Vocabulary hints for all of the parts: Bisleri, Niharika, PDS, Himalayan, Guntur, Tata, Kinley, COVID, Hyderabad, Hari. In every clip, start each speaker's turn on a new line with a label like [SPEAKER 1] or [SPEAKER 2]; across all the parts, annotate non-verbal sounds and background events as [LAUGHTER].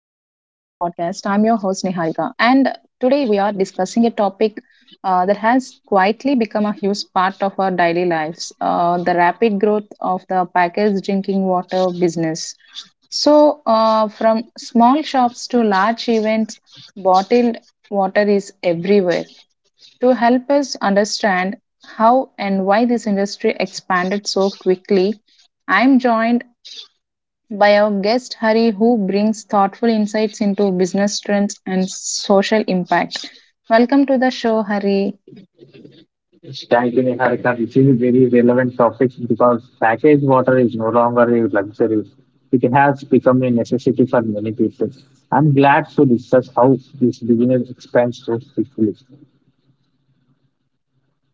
[SPEAKER 1] Niharika. And today we are discussing a topic that has quietly become a huge part of our daily lives, the rapid growth of the packaged drinking water business. So, from small shops to large events, bottled water is everywhere. To help us understand how and why this industry expanded so quickly, I'm joined by our guest Hari, who brings thoughtful insights into business trends and social impact. Welcome to the show, Hari.
[SPEAKER 2] Thank you, Niharika. This is a very relevant topic because packaged water is no longer a luxury. It has become a necessity for many people. I'm glad to discuss how this business expands so quickly.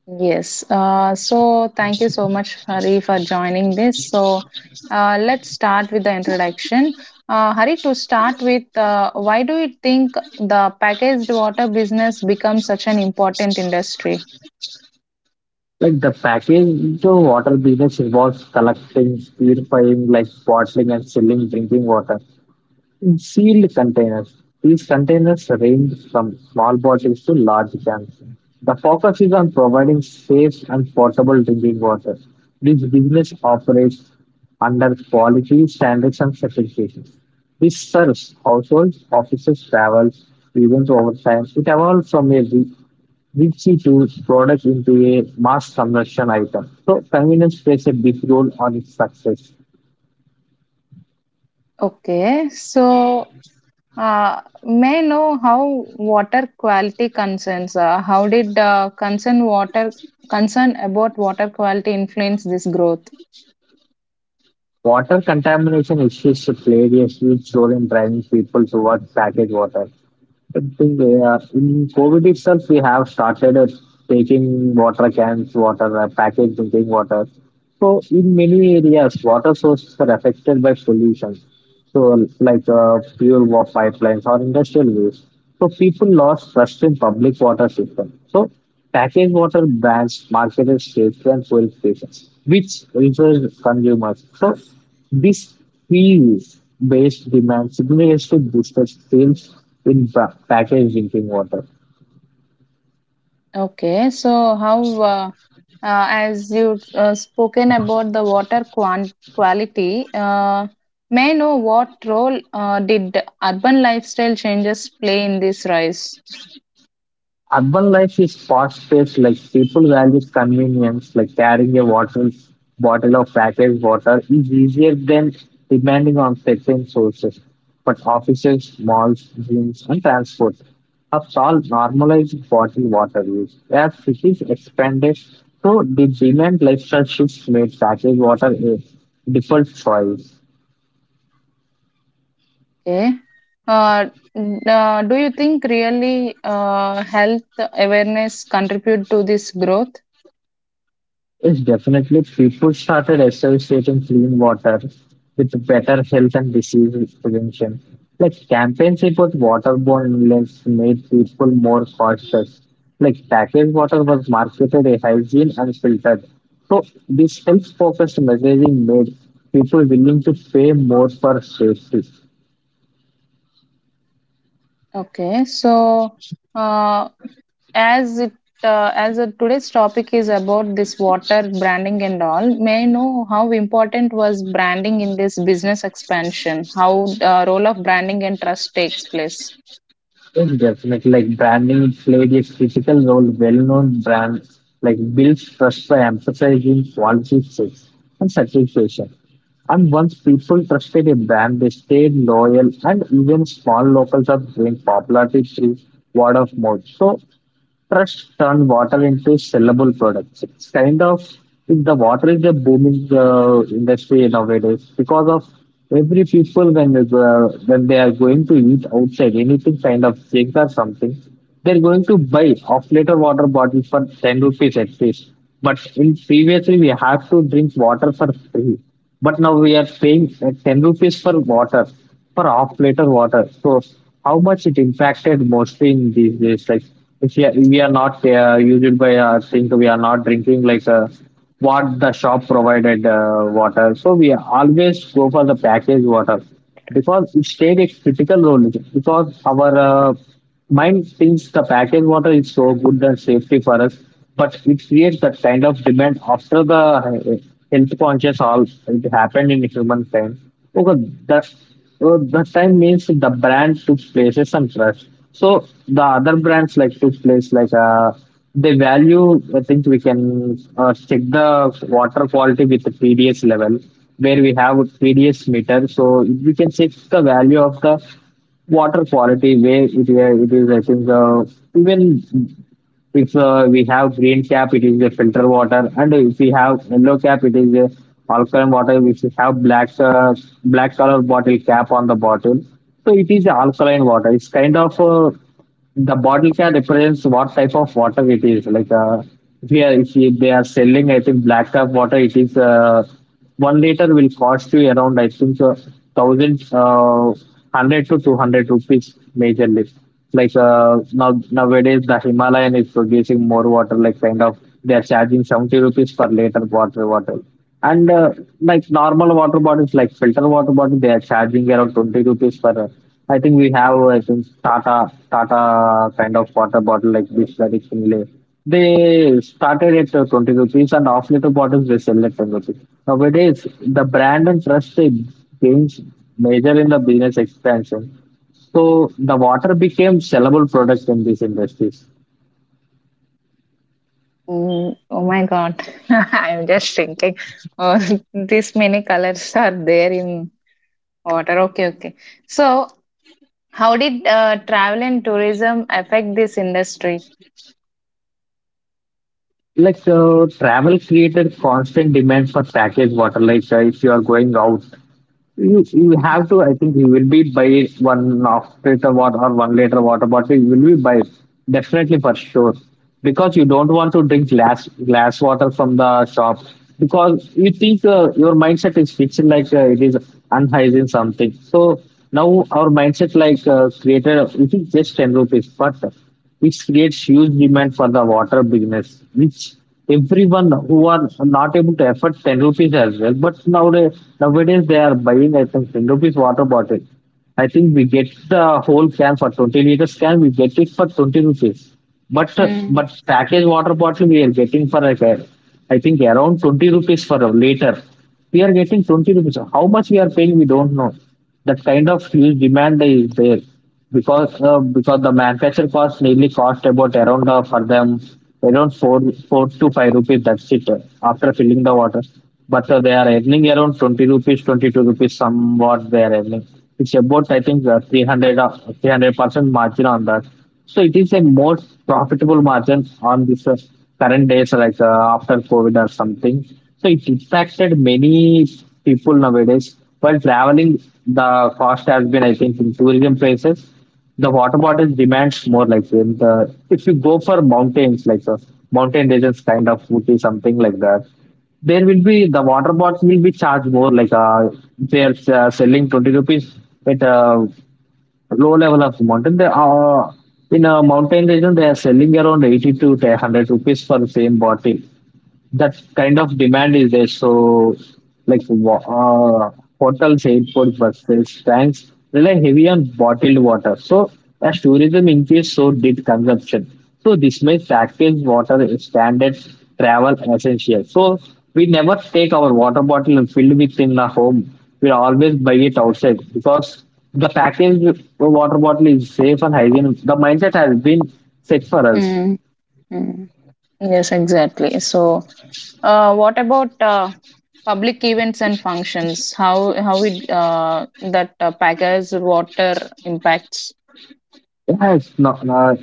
[SPEAKER 1] Yes. So, thank you so much, Hari, for joining this. So, let's start with the introduction. Hari, to start with, why do you think the packaged water business becomes such an important industry?
[SPEAKER 2] Like the packaged water business involves collecting, purifying, like bottling and selling drinking water. Sealed containers. These containers range from small bottles to large cans. The focus is on providing safe and portable drinking water. This business operates under quality standards and certifications. This serves households, offices, travels, events over time. It evolved from a Ritzy to product into a mass consumption item. So convenience plays a big role on its success.
[SPEAKER 1] Okay, so may I know how water quality concerns? How did concern about water quality influence this growth?
[SPEAKER 2] Water contamination issues played a huge role in driving people towards packaged water. I think in COVID itself, we have started taking water cans, water, packaged drinking water. So, in many areas, water sources are affected by pollution, so like fuel war pipelines or industrial waste. So people lost trust in public water system. So packaged water brands marketed safely and fuel stations, which refers consumers. So this fees based demand significantly boosted sales in packaged drinking water.
[SPEAKER 1] Okay, so how as you spoken about the water quality, may I know what role did urban lifestyle changes play in this rise?
[SPEAKER 2] Urban life is fast-paced, like people value convenience, like carrying a water bottle of packaged water is easier than depending on certain sources. But offices, malls, gyms, and transport have all normalized bottled water use. As cities expanded, so the demand lifestyle shifts made packaged water a default choice.
[SPEAKER 1] Okay, uh, do you think really health awareness contribute to this growth?
[SPEAKER 2] It's definitely people started associating clean water with better health and disease prevention. Like campaigns about waterborne illness made people more cautious. Like packaged water was marketed as hygiene and filtered. So this health focused messaging made people willing to pay more for safety.
[SPEAKER 1] Okay, so uh, as it uh, as uh, today's topic is about this water branding and all, may I know how important was branding in this business expansion? How role of branding and trust takes place?
[SPEAKER 2] Yes, definitely. Like branding played a critical role. Well-known brands like builds trust by emphasizing quality, fit, and satisfaction. And once people trusted a brand, they stayed loyal, and even small locals have gained popularity through word of mouth. So trust turn water into sellable products. It's kind of the water is a booming industry nowadays because of every people when they go, when they are going to eat outside anything kind of drink or something, they're going to buy off liter water bottles for 10 rupees at least. But in previously we have to drink water for free, but now we are paying 10 rupees for water for half liter water, so how much it impacted mostly in these days, like if we are not used by think we are not drinking like what the shop provided water, so we always go for the packaged water because it played a critical role, because our mine thinks the packaged water is so good and safety for us, but it creates that kind of demand after the health conscious all it happened in human time. Okay, that time means the brand took places and trust. So the other brands like took place, like they value. I think we can check the water quality with the PDS level, where we have PDS meter, so we can check the value of the water quality, where it is, I think, even if we have green cap, it is the filter water, and if we have yellow cap, it is the alkaline water. If we have black color bottle cap on the bottle, so it is alkaline water. It's kind of the bottle cap represents what type of water it is, like if, we are, if we- they are selling, I think, black cap water, it is 1 liter, will cost you around, I think, thousand 100 to 200 rupees majorly. Like nowadays the Himalayan is producing more water, like kind of they are charging 70 rupees per liter water bottle. And like normal water bottles, like filter water bottle, they are charging around 20 rupees per. I think we have, I think, Tata kind of water bottle like Bisleri Kinley. They started at 20 rupees, and half liter bottles they sell at 10 rupees. Nowadays, the brand and trust they gains major in the business expansion. So the water became sellable product in these industries.
[SPEAKER 1] Mm, oh my God, [LAUGHS] I'm just thinking. Oh, [LAUGHS] these many colors are there in water. Okay, okay. So, how did travel and tourism affect this industry?
[SPEAKER 2] Like travel created constant demand for packaged water. Like if you are going out, you
[SPEAKER 1] Mm,
[SPEAKER 2] have to. I think you will be by one after water or 1 liter water bottle. You will be by, definitely, for sure, because you don't want to drink glass glass water from the shop, because you think your mindset is fixed, like it is unhygiene something. So now our mindset like created. It is just 10 rupees, but which creates huge demand for the water business, which everyone who are not able to afford 10 rupees as well. But nowadays they are buying, I think, 10 rupees water bottle. I think we get the whole can for 20 liters can, we get it for 20 rupees. But uh,
[SPEAKER 1] mm,
[SPEAKER 2] but packaged water bottle we are getting for, like, I think around 20 rupees for a liter. We are getting 20 rupees. How much we are paying, we don't know. That kind of huge demand is there because the manufacturing cost nearly cost about around for them around four to five rupees, that's it. After filling the water, but they are earning around 20 rupees, 22 rupees somewhat they are earning. It's about, I think, 300% margin on that, so it is a more profitable margin on this current days, like after COVID or something, so it impacted many people nowadays. While traveling, the cost has been, I think, in tourism places the water bottle demands more, like in the, if you go for mountains, like the mountain regions kind of would be something like that, there will be the water bottles will be charged more, like they are selling 20 rupees at a low level of mountain, they are, in a mountain region they are selling around 80 to 100 rupees for the same bottle. That kind of demand is there. So, like wa- uh, hotels, airport buses, tanks rely heavy on bottled water. So, as tourism increased, so did consumption. So, this made packaged water a standard travel essential. So, we never take our water bottle and fill it in the home. We always buy it outside because the packaged water bottle is safe and hygienic. The mindset has been set for us.
[SPEAKER 1] mm, mm. Yes, exactly. So, what about public events and functions? How it that package water impacts?
[SPEAKER 2] Yeah, it's not,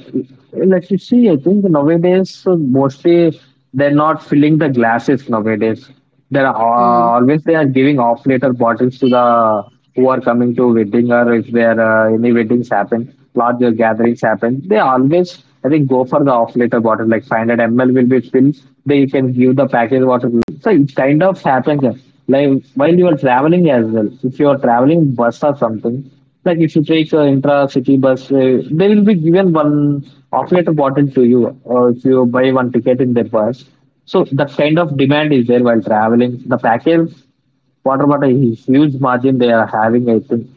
[SPEAKER 2] like you see, I think nowadays mostly they're not filling the glasses nowadays. They're al-
[SPEAKER 1] Mm.
[SPEAKER 2] always they are giving off later bottles to the who are coming to wedding, or if there any weddings happen, larger gatherings happen. They always, I think, go for the off later bottle, like 500 ml will be filled. They, you can give the package water. So it kind of happens like while you are traveling as well. If you are traveling bus or something, like if you take intra-city bus, they will be given one operator bottle to you, or if you buy one ticket in their bus. So that kind of demand is there while traveling. The package, what about a huge margin they are having? I think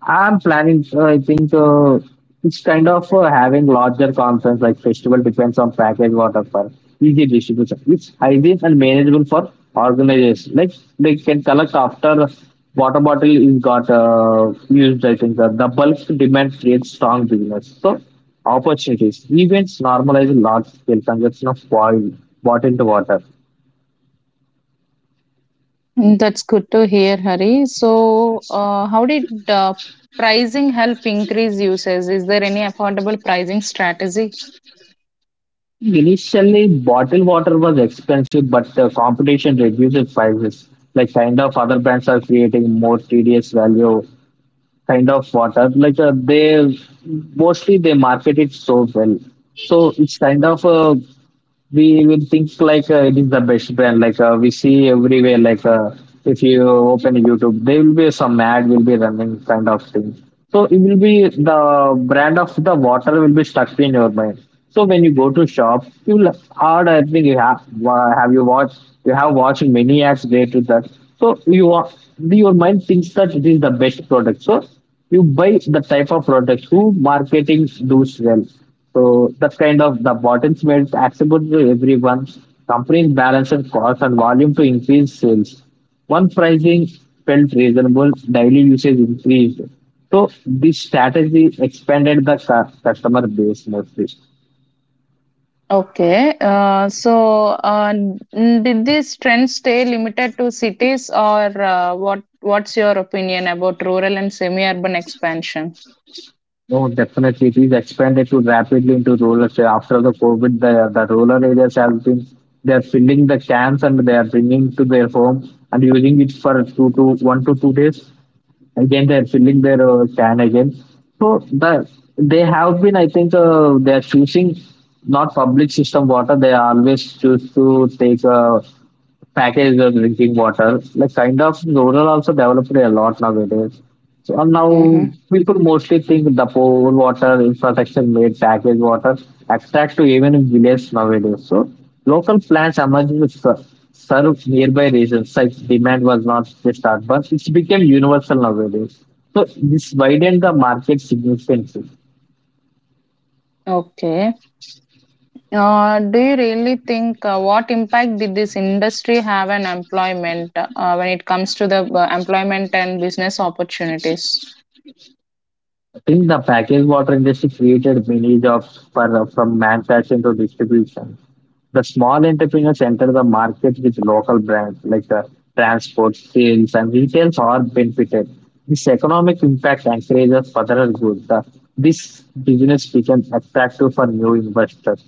[SPEAKER 2] I'm planning. I think it's kind of having larger conference like festival depends on package what offer easy distribution. It's hygiene and manageable for organizers. Like they can collect after water bottle is got used. I think the bulk demand creates strong business. So opportunities events normalize large scale consumption of boil bottled water.
[SPEAKER 1] Mm, that's good to hear, Hari. So, how did pricing help increase users? Is there any affordable pricing strategy?
[SPEAKER 2] Initially, bottled water was expensive, but the competition reduced prices. Like kind of other brands are creating more tedious value kind of water. Like they mostly they market it so well, so it's kind of a, we will think like it is the best brand. Like we see everywhere. Like if you open YouTube, there will be some ad will be running kind of thing. So it will be the brand of the water will be stuck in your mind. So when you go to shop, you will hard. I think you have you have watched many ads related to that. So your mind thinks that it is the best product. So you buy the type of products who marketing does well. So that kind of the bottles made it accessible to everyone. Companies balance and cost and volume to increase sales. One pricing felt reasonable, daily usage increased. So this strategy expanded the customer base mostly.
[SPEAKER 1] Okay. So, did these trends stay limited to cities, or what? What's your opinion about rural and semi-urban expansion?
[SPEAKER 2] No, definitely. It is expanded to rapidly into rural area. After the COVID, the rural areas have been, they are filling the cans and they are bringing to their home and using it for two to one to two days. Again, they are filling their can again. So the, they have been, I think, they are choosing not public system water. They always choose to take packaged the drinking water. Like kind of rural also developed a lot nowadays. So and now
[SPEAKER 1] Mhm.
[SPEAKER 2] people mostly think the poor water infrastructure made packaged water attract to even in village nowadays. So local plants emerged which serve nearby regions. Like demand was not just urban; it became universal nowadays. So this widened the market significantly.
[SPEAKER 1] Okay. Do you really think, what impact did this industry have on employment, when it comes to the employment and business opportunities?
[SPEAKER 2] Think the packaged water industry created many jobs for, from manufacturing to distribution. The small entrepreneurs enter the market with local brands, like transport, sales, and retails are benefited. This economic impact encourages further growth. This business becomes attractive for new investors.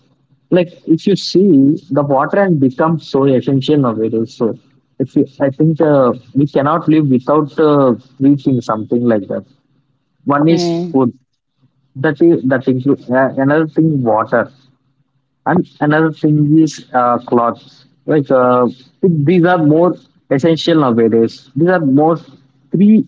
[SPEAKER 2] Like if you see the water and become so essential nowadays. So if you, I think we cannot live without reaching something like that. One is
[SPEAKER 1] Mm.
[SPEAKER 2] food. That includes another thing water and another thing is clothes. Like these are more essential nowadays. These are more three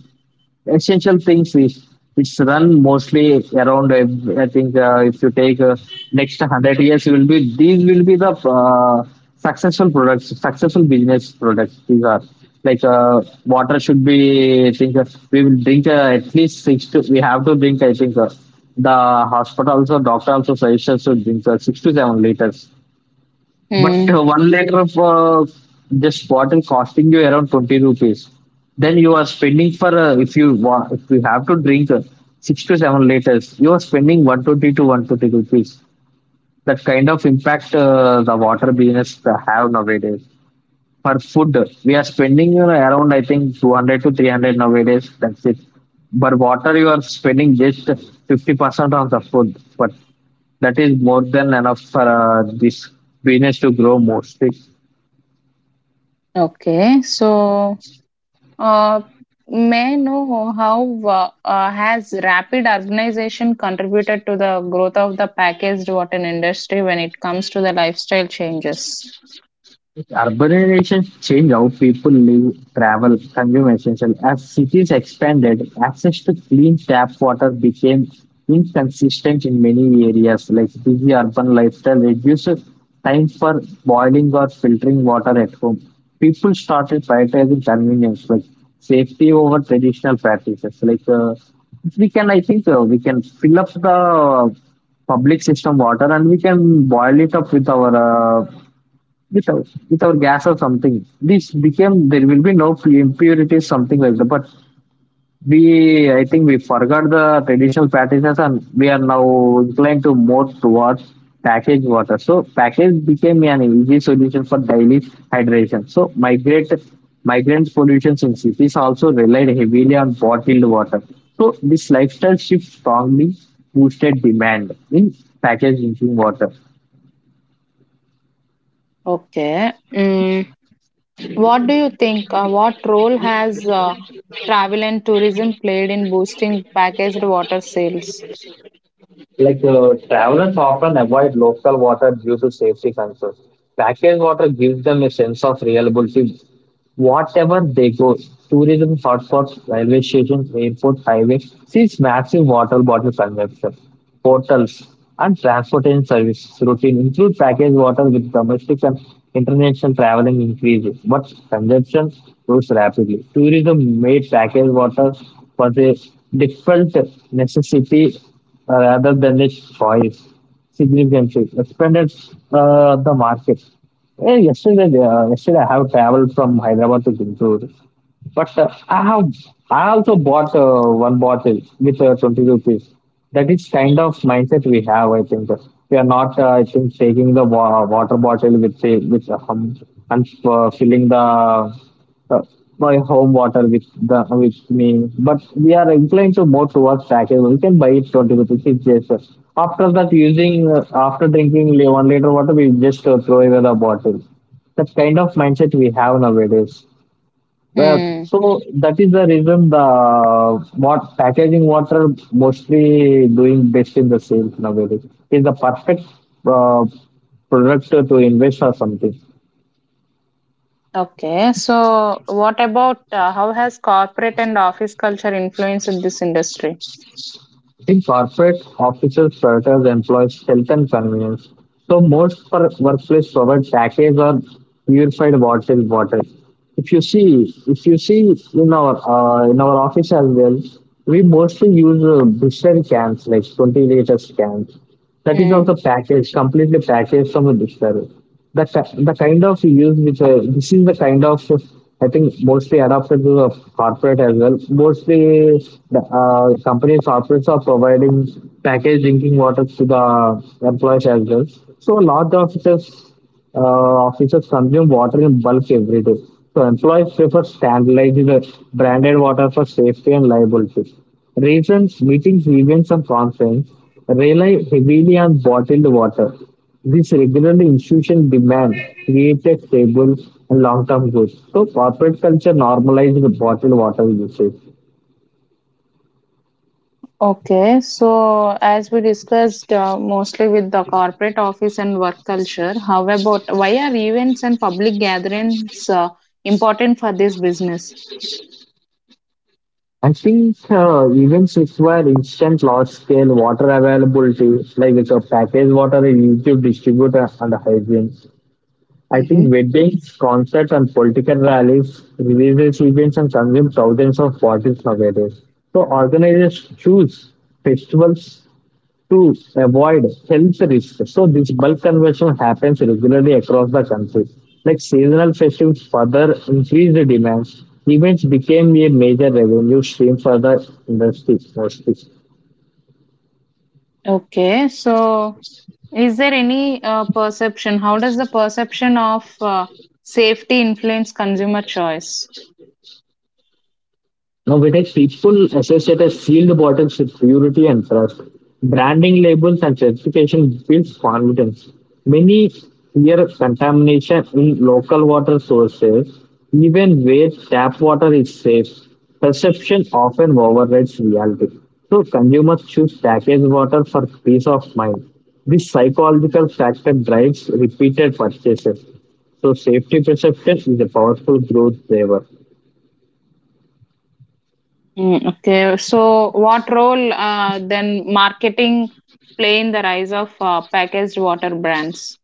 [SPEAKER 2] essential things is it's run mostly around I think if you take next 100 years will be these will be the uh, successful products successful business products these are like water should be I think we will drink at least six to we have to drink I think the hospital also doctor also suggests to drink 6 to 7 liters but
[SPEAKER 1] Mm.
[SPEAKER 2] 1 liter of this bottle costing you around 20 rupees. Then you are spending for, if you want, if you have to drink 6 to 7 liters, you are spending 120 to 130 rupees. That kind of impact the water business have nowadays. For food, we are spending around, I think, 200 to 300 nowadays. That's it. But water, you are spending just 50% of the food. But that is more than enough for this business to grow mostly.
[SPEAKER 1] Okay. So, uh, may I know how, has rapid urbanization contributed to the growth of the packaged water industry when it comes to the lifestyle changes?
[SPEAKER 2] Urbanization changed how people live, travel, consume essentials. As cities expanded, access to clean tap water became inconsistent in many areas. Like busy urban lifestyle reduces time for boiling or filtering water at home. People started prioritizing convenience, like safety over traditional practices. Like we can, I think, we can fill up the public system water and we can boil it up with our uh, without gas or something. This became there will be no impurities, something like that. But we, I think, we forgot the traditional practices, and we are now inclined to more towards packaged water. So package became an easy solution for daily hydration. So migrate migrant pollution in cities also relied heavily on bottled water. So this lifestyle shift strongly boosted demand in packaged drinking water.
[SPEAKER 1] Okay. Mm. What do you think? What role has travel and tourism played in boosting packaged water sales?
[SPEAKER 2] Like travelers often avoid local water due to safety concerns. Packaged water gives them a sense of reliability. Whatever they go, tourism hotspots, railway stations, airports, highways sees massive water bottle consumption. Portals, and transportation services routine include packaged water with domestic and international traveling increases, but consumption grows rapidly. Tourism made packaged water was a different necessity rather than a choice significantly expanded the market. Yeah, yesterday, yesterday I have traveled from Hyderabad to Guntur, but I also bought one bottle with 20 rupees. That is kind of mindset we have. I think we are not. I think taking the water bottle with the with and filling the uh, my home water with the with me. But we are inclined to more towards packaged. We can buy it 20 rupees. It's just after that using after drinking 1 liter water, we just throw away the bottle. That kind of mindset we have nowadays. Well,
[SPEAKER 1] Hmm.
[SPEAKER 2] so that is the reason the what packaging water mostly doing best in the sales nowadays is the perfect uh, product to invest or something.
[SPEAKER 1] Okay. So, what about, how has corporate and office culture influenced this industry?
[SPEAKER 2] The corporate official prioritize employees' health and convenience. So most workplace provide packaged or purified bottled water. If you see in our office as well, we mostly use booster cans like 20 liters cans that is
[SPEAKER 1] Hmm.
[SPEAKER 2] also packaged completely packaged from the dictionary the, the kind of use which this is the kind of I think mostly adopted to the corporate as well mostly the companies corporates are providing packaged drinking water to the employees as well so a lot of this officers consume water in bulk every day. So employees prefer standardized branded water for safety and liability. Reasons, meetings, events, and conferences rely heavily on bottled water. This regular institution demand created stable and long-term goods. So corporate culture normalized the bottled water usage.
[SPEAKER 1] Okay. So, as we discussed, mostly with the corporate office and work culture, how about why are events and public gatherings important for this business?
[SPEAKER 2] I think events require instant large scale water availability, like it's a packaged water, a YouTube distributor, and a hygiene. I
[SPEAKER 1] Mm-hmm.
[SPEAKER 2] think weddings, concerts, and political rallies, religious events, and consume thousands of bottles nowadays. So organizers choose festivals to avoid health risks. So this bulk conversion happens regularly across the country. Like seasonal festivals further increase the demand. Events became a major revenue stream for the industry mostly.
[SPEAKER 1] Okay. So, is there any perception? How does the perception of safety influence consumer choice?
[SPEAKER 2] Now, Vitex, people associate a sealed bottles with purity and trust. Branding labels and certification builds confidence. Many fear contamination in local water sources, even where tap water is safe. Perception often overrides reality. So, consumers choose packaged water for peace of mind. This psychological factor drives repeated purchases. So, safety perception is a powerful growth driver.
[SPEAKER 1] Mm, okay, so what role then marketing play in the rise of packaged water brands?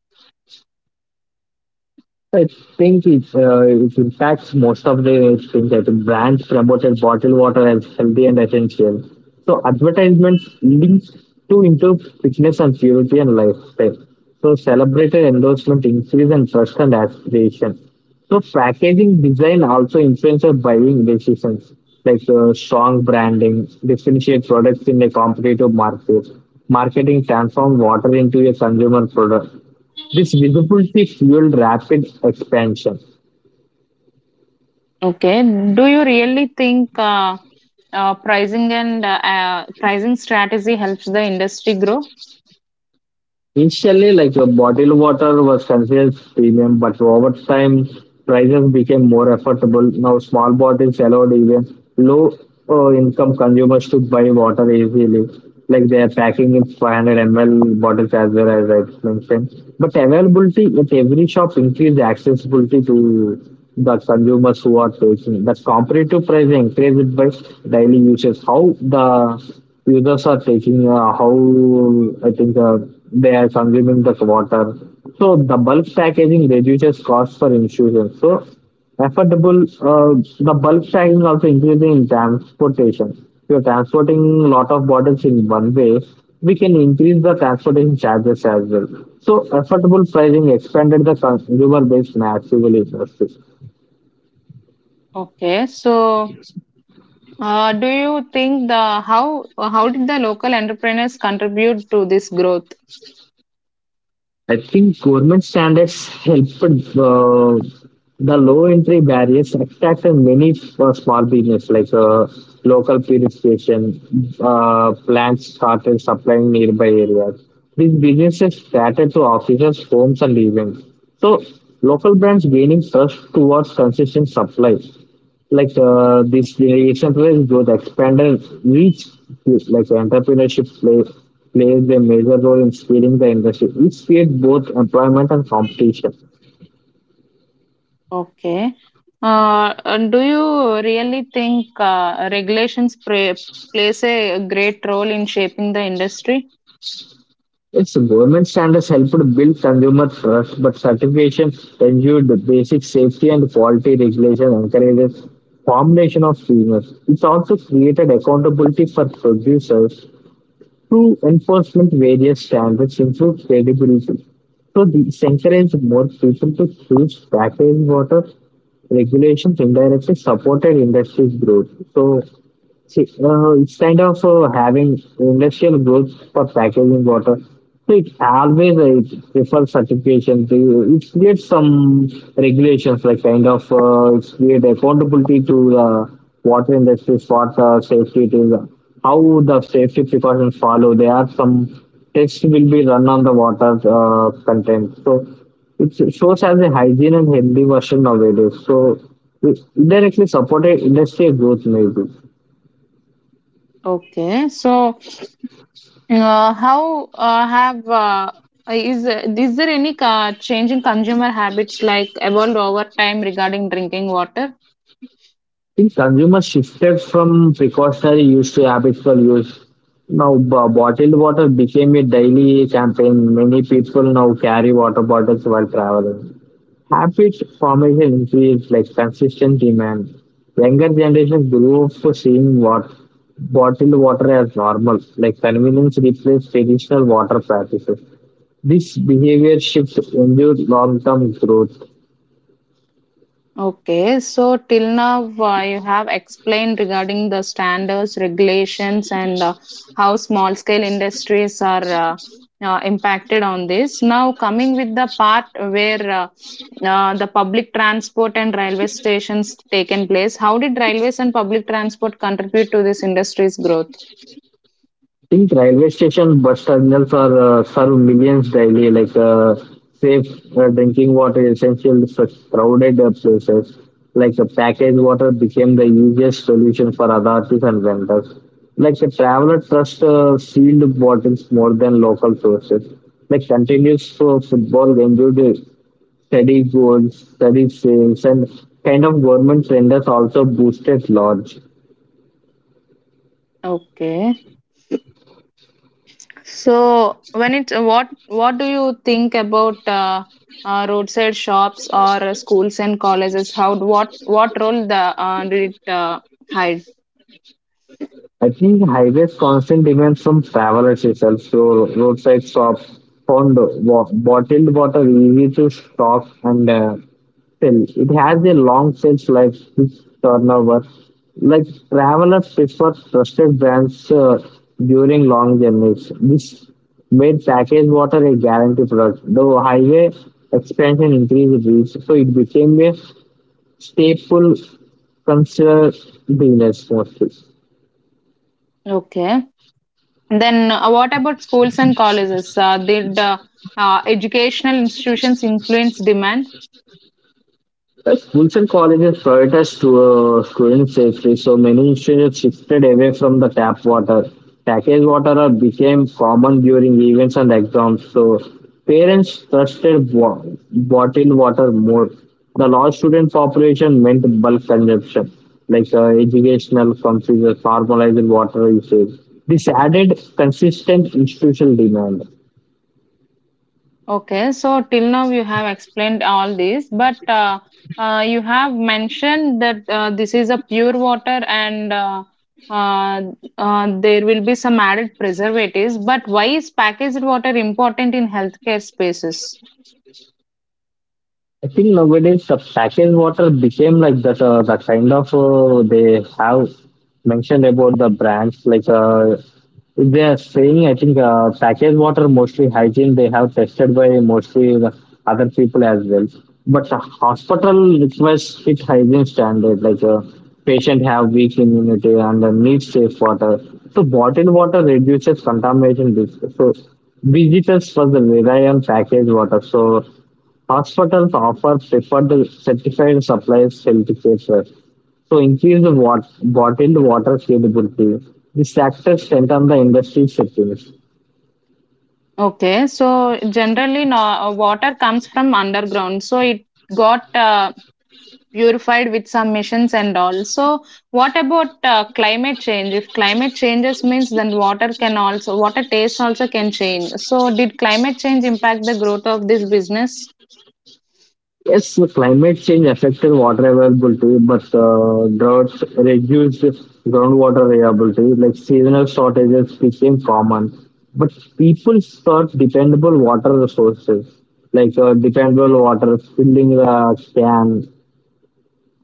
[SPEAKER 2] I think it's, it impacts most of the things. I think brands promoted bottled water as healthy and essential. So advertisements linked to into fitness and purity and lifestyle. So celebrated endorsement increase and trust and aspiration. So packaging design also influences buying decisions, like strong branding, differentiate products in a competitive market. Marketing transforms water into a consumer product. This visibility fueled rapid expansion.
[SPEAKER 1] Okay, do you really think, pricing and pricing strategy helps the industry grow?
[SPEAKER 2] Initially, like bottled water was considered premium, but over time, prices became more affordable. Now, small bottles allowed even low-income consumers to buy water easily. Like they are packing in 500 ml bottles as well as I mentioned. But availability at every shop increased accessibility to the consumers who are taking. That's competitive price increased by daily users. How the users are taking, how I think. They are consuming the water. So the bulk packaging reduces cost for institutions. So affordable, the bulk packaging also increases in transportation. If you're transporting a lot of bottles in one way, we can increase the transportation charges as well. So affordable pricing expanded the consumer base massively. In our.
[SPEAKER 1] Okay, so do you think the how did the local entrepreneurs contribute to this growth?
[SPEAKER 2] I think government standards helped the low entry barriers attract many small business like local purification plants started supplying nearby areas. These businesses started to officers, homes, and events. So local brands gaining trust towards consistent supply like this decentralized growth expanded reach like entrepreneurship plays a major role in steering the industry which creates both employment and competition.
[SPEAKER 1] Okay. And do you really think, plays a great role in shaping the industry?
[SPEAKER 2] Its government standards helped build consumer trust but certification ensured the basic safety and quality regulation encourages combination of premiums it also created accountability for producers. Through enforcement, various standards improve credibility. So this encourages more people to choose packaged water regulations indirectly supported industry growth. So see, it's kind of having industrial growth for packaging water. So it always it prefers certification. It creates some regulations, like kind of it create accountability to the water industry for the safety. It is how the safety precautions follow. There are some tests will be run on the water content. So it shows as a hygiene and healthy version nowadays. So it directly supported industrial growth maybe.
[SPEAKER 1] Okay. So, how have is there any change in consumer habits like evolved over time regarding drinking water?
[SPEAKER 2] Think consumers shifted from precautionary use to habitual use. Now, bottled water became a daily campaign. Many people now carry water bottles while traveling. Habit formation increased, like consistent demand. Younger generations grew up seeing what bottled water as normal, like convenience replaced traditional water practices. This behavior shift endured long-term growth.
[SPEAKER 1] Okay, so till now, you have explained regarding the standards, regulations, and how small scale industries are impacted on this. Now, coming with the part where, the public transport and railway stations taken place, how did railways and public transport contribute to this industry's growth?
[SPEAKER 2] Think railway stations, bus terminals are serve millions daily. Like safe drinking water is essential for crowded places. Like the packaged water became the easiest solution for authorities and vendors. Like the traveler trust sealed bottles more than local sources. Like continuous for football enjoyed steady sales, and kind of government renders also boosted large.
[SPEAKER 1] Okay. So, when it's what do you think about roadside shops or schools and colleges? How what role the did it hide?
[SPEAKER 2] I think highways constant demand from travelers itself. So roadside shops found bottled water easy to stock and sell. It has a long shelf life, which turnover. Like travelers prefer trusted brands during long journeys. This made packaged water a guarantee product. Though highway expansion increased reach, so it became a staple consumer business mostly.
[SPEAKER 1] Okay. Then what about schools and colleges? Did educational institutions influence demand?
[SPEAKER 2] Schools and colleges prioritize to, student safety, so many institutions shifted away from the tap water. Packaged water became common during events and exams, so parents trusted bottled water more. The large student population meant bulk consumption, like educational confusion, formalized water usage. This added consistent institutional demand.
[SPEAKER 1] Okay, so till now you have explained all this, but you have mentioned that this is a pure water and, uh, there will be some added preservatives. But why is packaged water important in healthcare spaces?
[SPEAKER 2] I think nowadays the packaged water became like that. The kind of they have mentioned about the brands. Like if they are saying, I think packaged water mostly hygiene. They have tested by mostly the other people as well. But the hospital requires strict hygiene standard. Like patient have weak immunity and need safe water. So bottled water reduces contamination risk. So visitors for the rely on packaged water. So hospitals offer preferred certified supplies certificates to increase the bottled water availability. These factors strengthen the industry settings.
[SPEAKER 1] Okay, so generally, no, water comes from underground, so it got purified with some missions and all. So, what about climate change? If climate changes means, then water can also water taste also can change. So, did climate change impact the growth of this business?
[SPEAKER 2] Yes, the climate change affected water availability, but droughts reduced groundwater availability, like seasonal shortages became common. But people sought dependable water resources, like dependable water filling the can.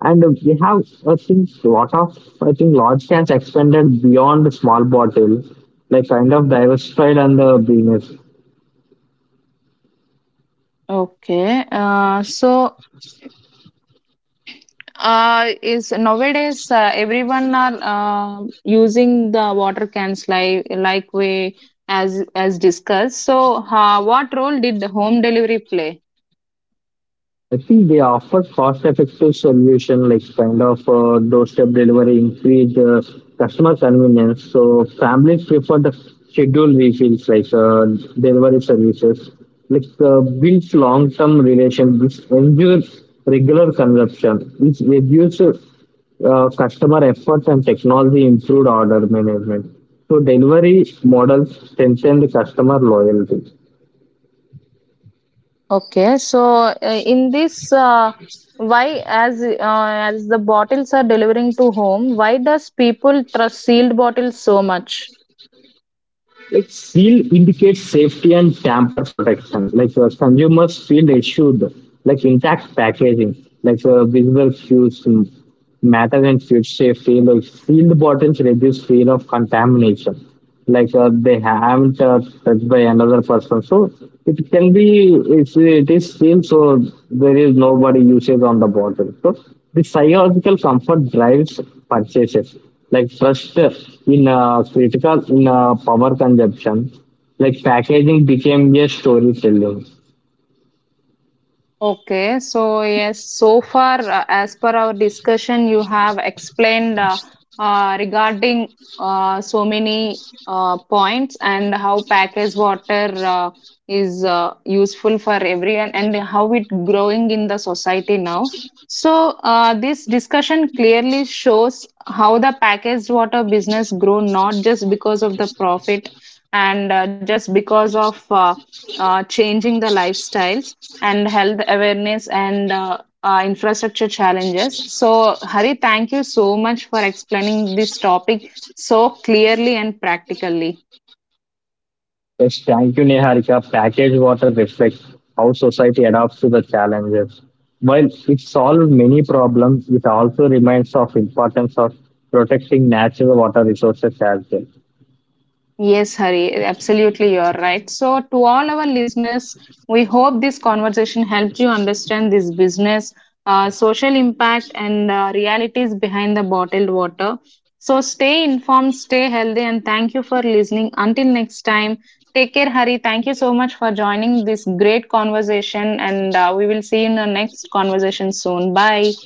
[SPEAKER 2] And we have, I think, lot of, I think, large cans expanded beyond the small bottle, like kind of diversified and the business.
[SPEAKER 1] Okay. So, is nowadays everyone are using the water cans like we as discussed. So, what role did the home delivery play?
[SPEAKER 2] I think they offer cost effective solution like kind of doorstep delivery, increase customer convenience. So families prefer the scheduled refills like delivery services. Like builds long term relationships, ensures regular consumption, which reduces customer effort and technology improved order management. So delivery models strengthen the customer loyalty.
[SPEAKER 1] Okay, so in this, why as the bottles are delivering to home, why does people trust sealed bottles so much?
[SPEAKER 2] Like seal indicates safety and tamper protection. Like consumers feel assured, like intact packaging, like visible cues matter and food safety. Like sealed bottles reduce fear of contamination. Like they haven't touched by another person, so it can be if it is sealed, so there is nobody usage on the bottle. So the psychological comfort drives purchases like trust in critical in power consumption. Like packaging became a storytelling.
[SPEAKER 1] Okay, so yes, so far, as per our discussion, you have explained, regarding so many points and how packaged water is useful for everyone and how it growing in the society now. So, this discussion clearly shows how the packaged water business grow not just because of the profit and just because of changing the lifestyles and health awareness and, infrastructure challenges. So, Hari, thank you so much for explaining this topic so clearly and practically.
[SPEAKER 2] Yes, thank you, Niharika. Package water reflects how society adapts to the challenges. While it solved many problems, it also reminds of importance of protecting natural water resources as well.
[SPEAKER 1] Yes, Hari, absolutely, you're right. So, to all our listeners, we hope this conversation helped you understand this business, social impact, and realities behind the bottled water. So, stay informed, stay healthy, and thank you for listening. Until next time, take care, Hari. Thank you so much for joining this great conversation, and we will see you in the next conversation soon. Bye.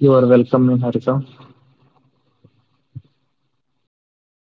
[SPEAKER 2] You are welcome, Niharika.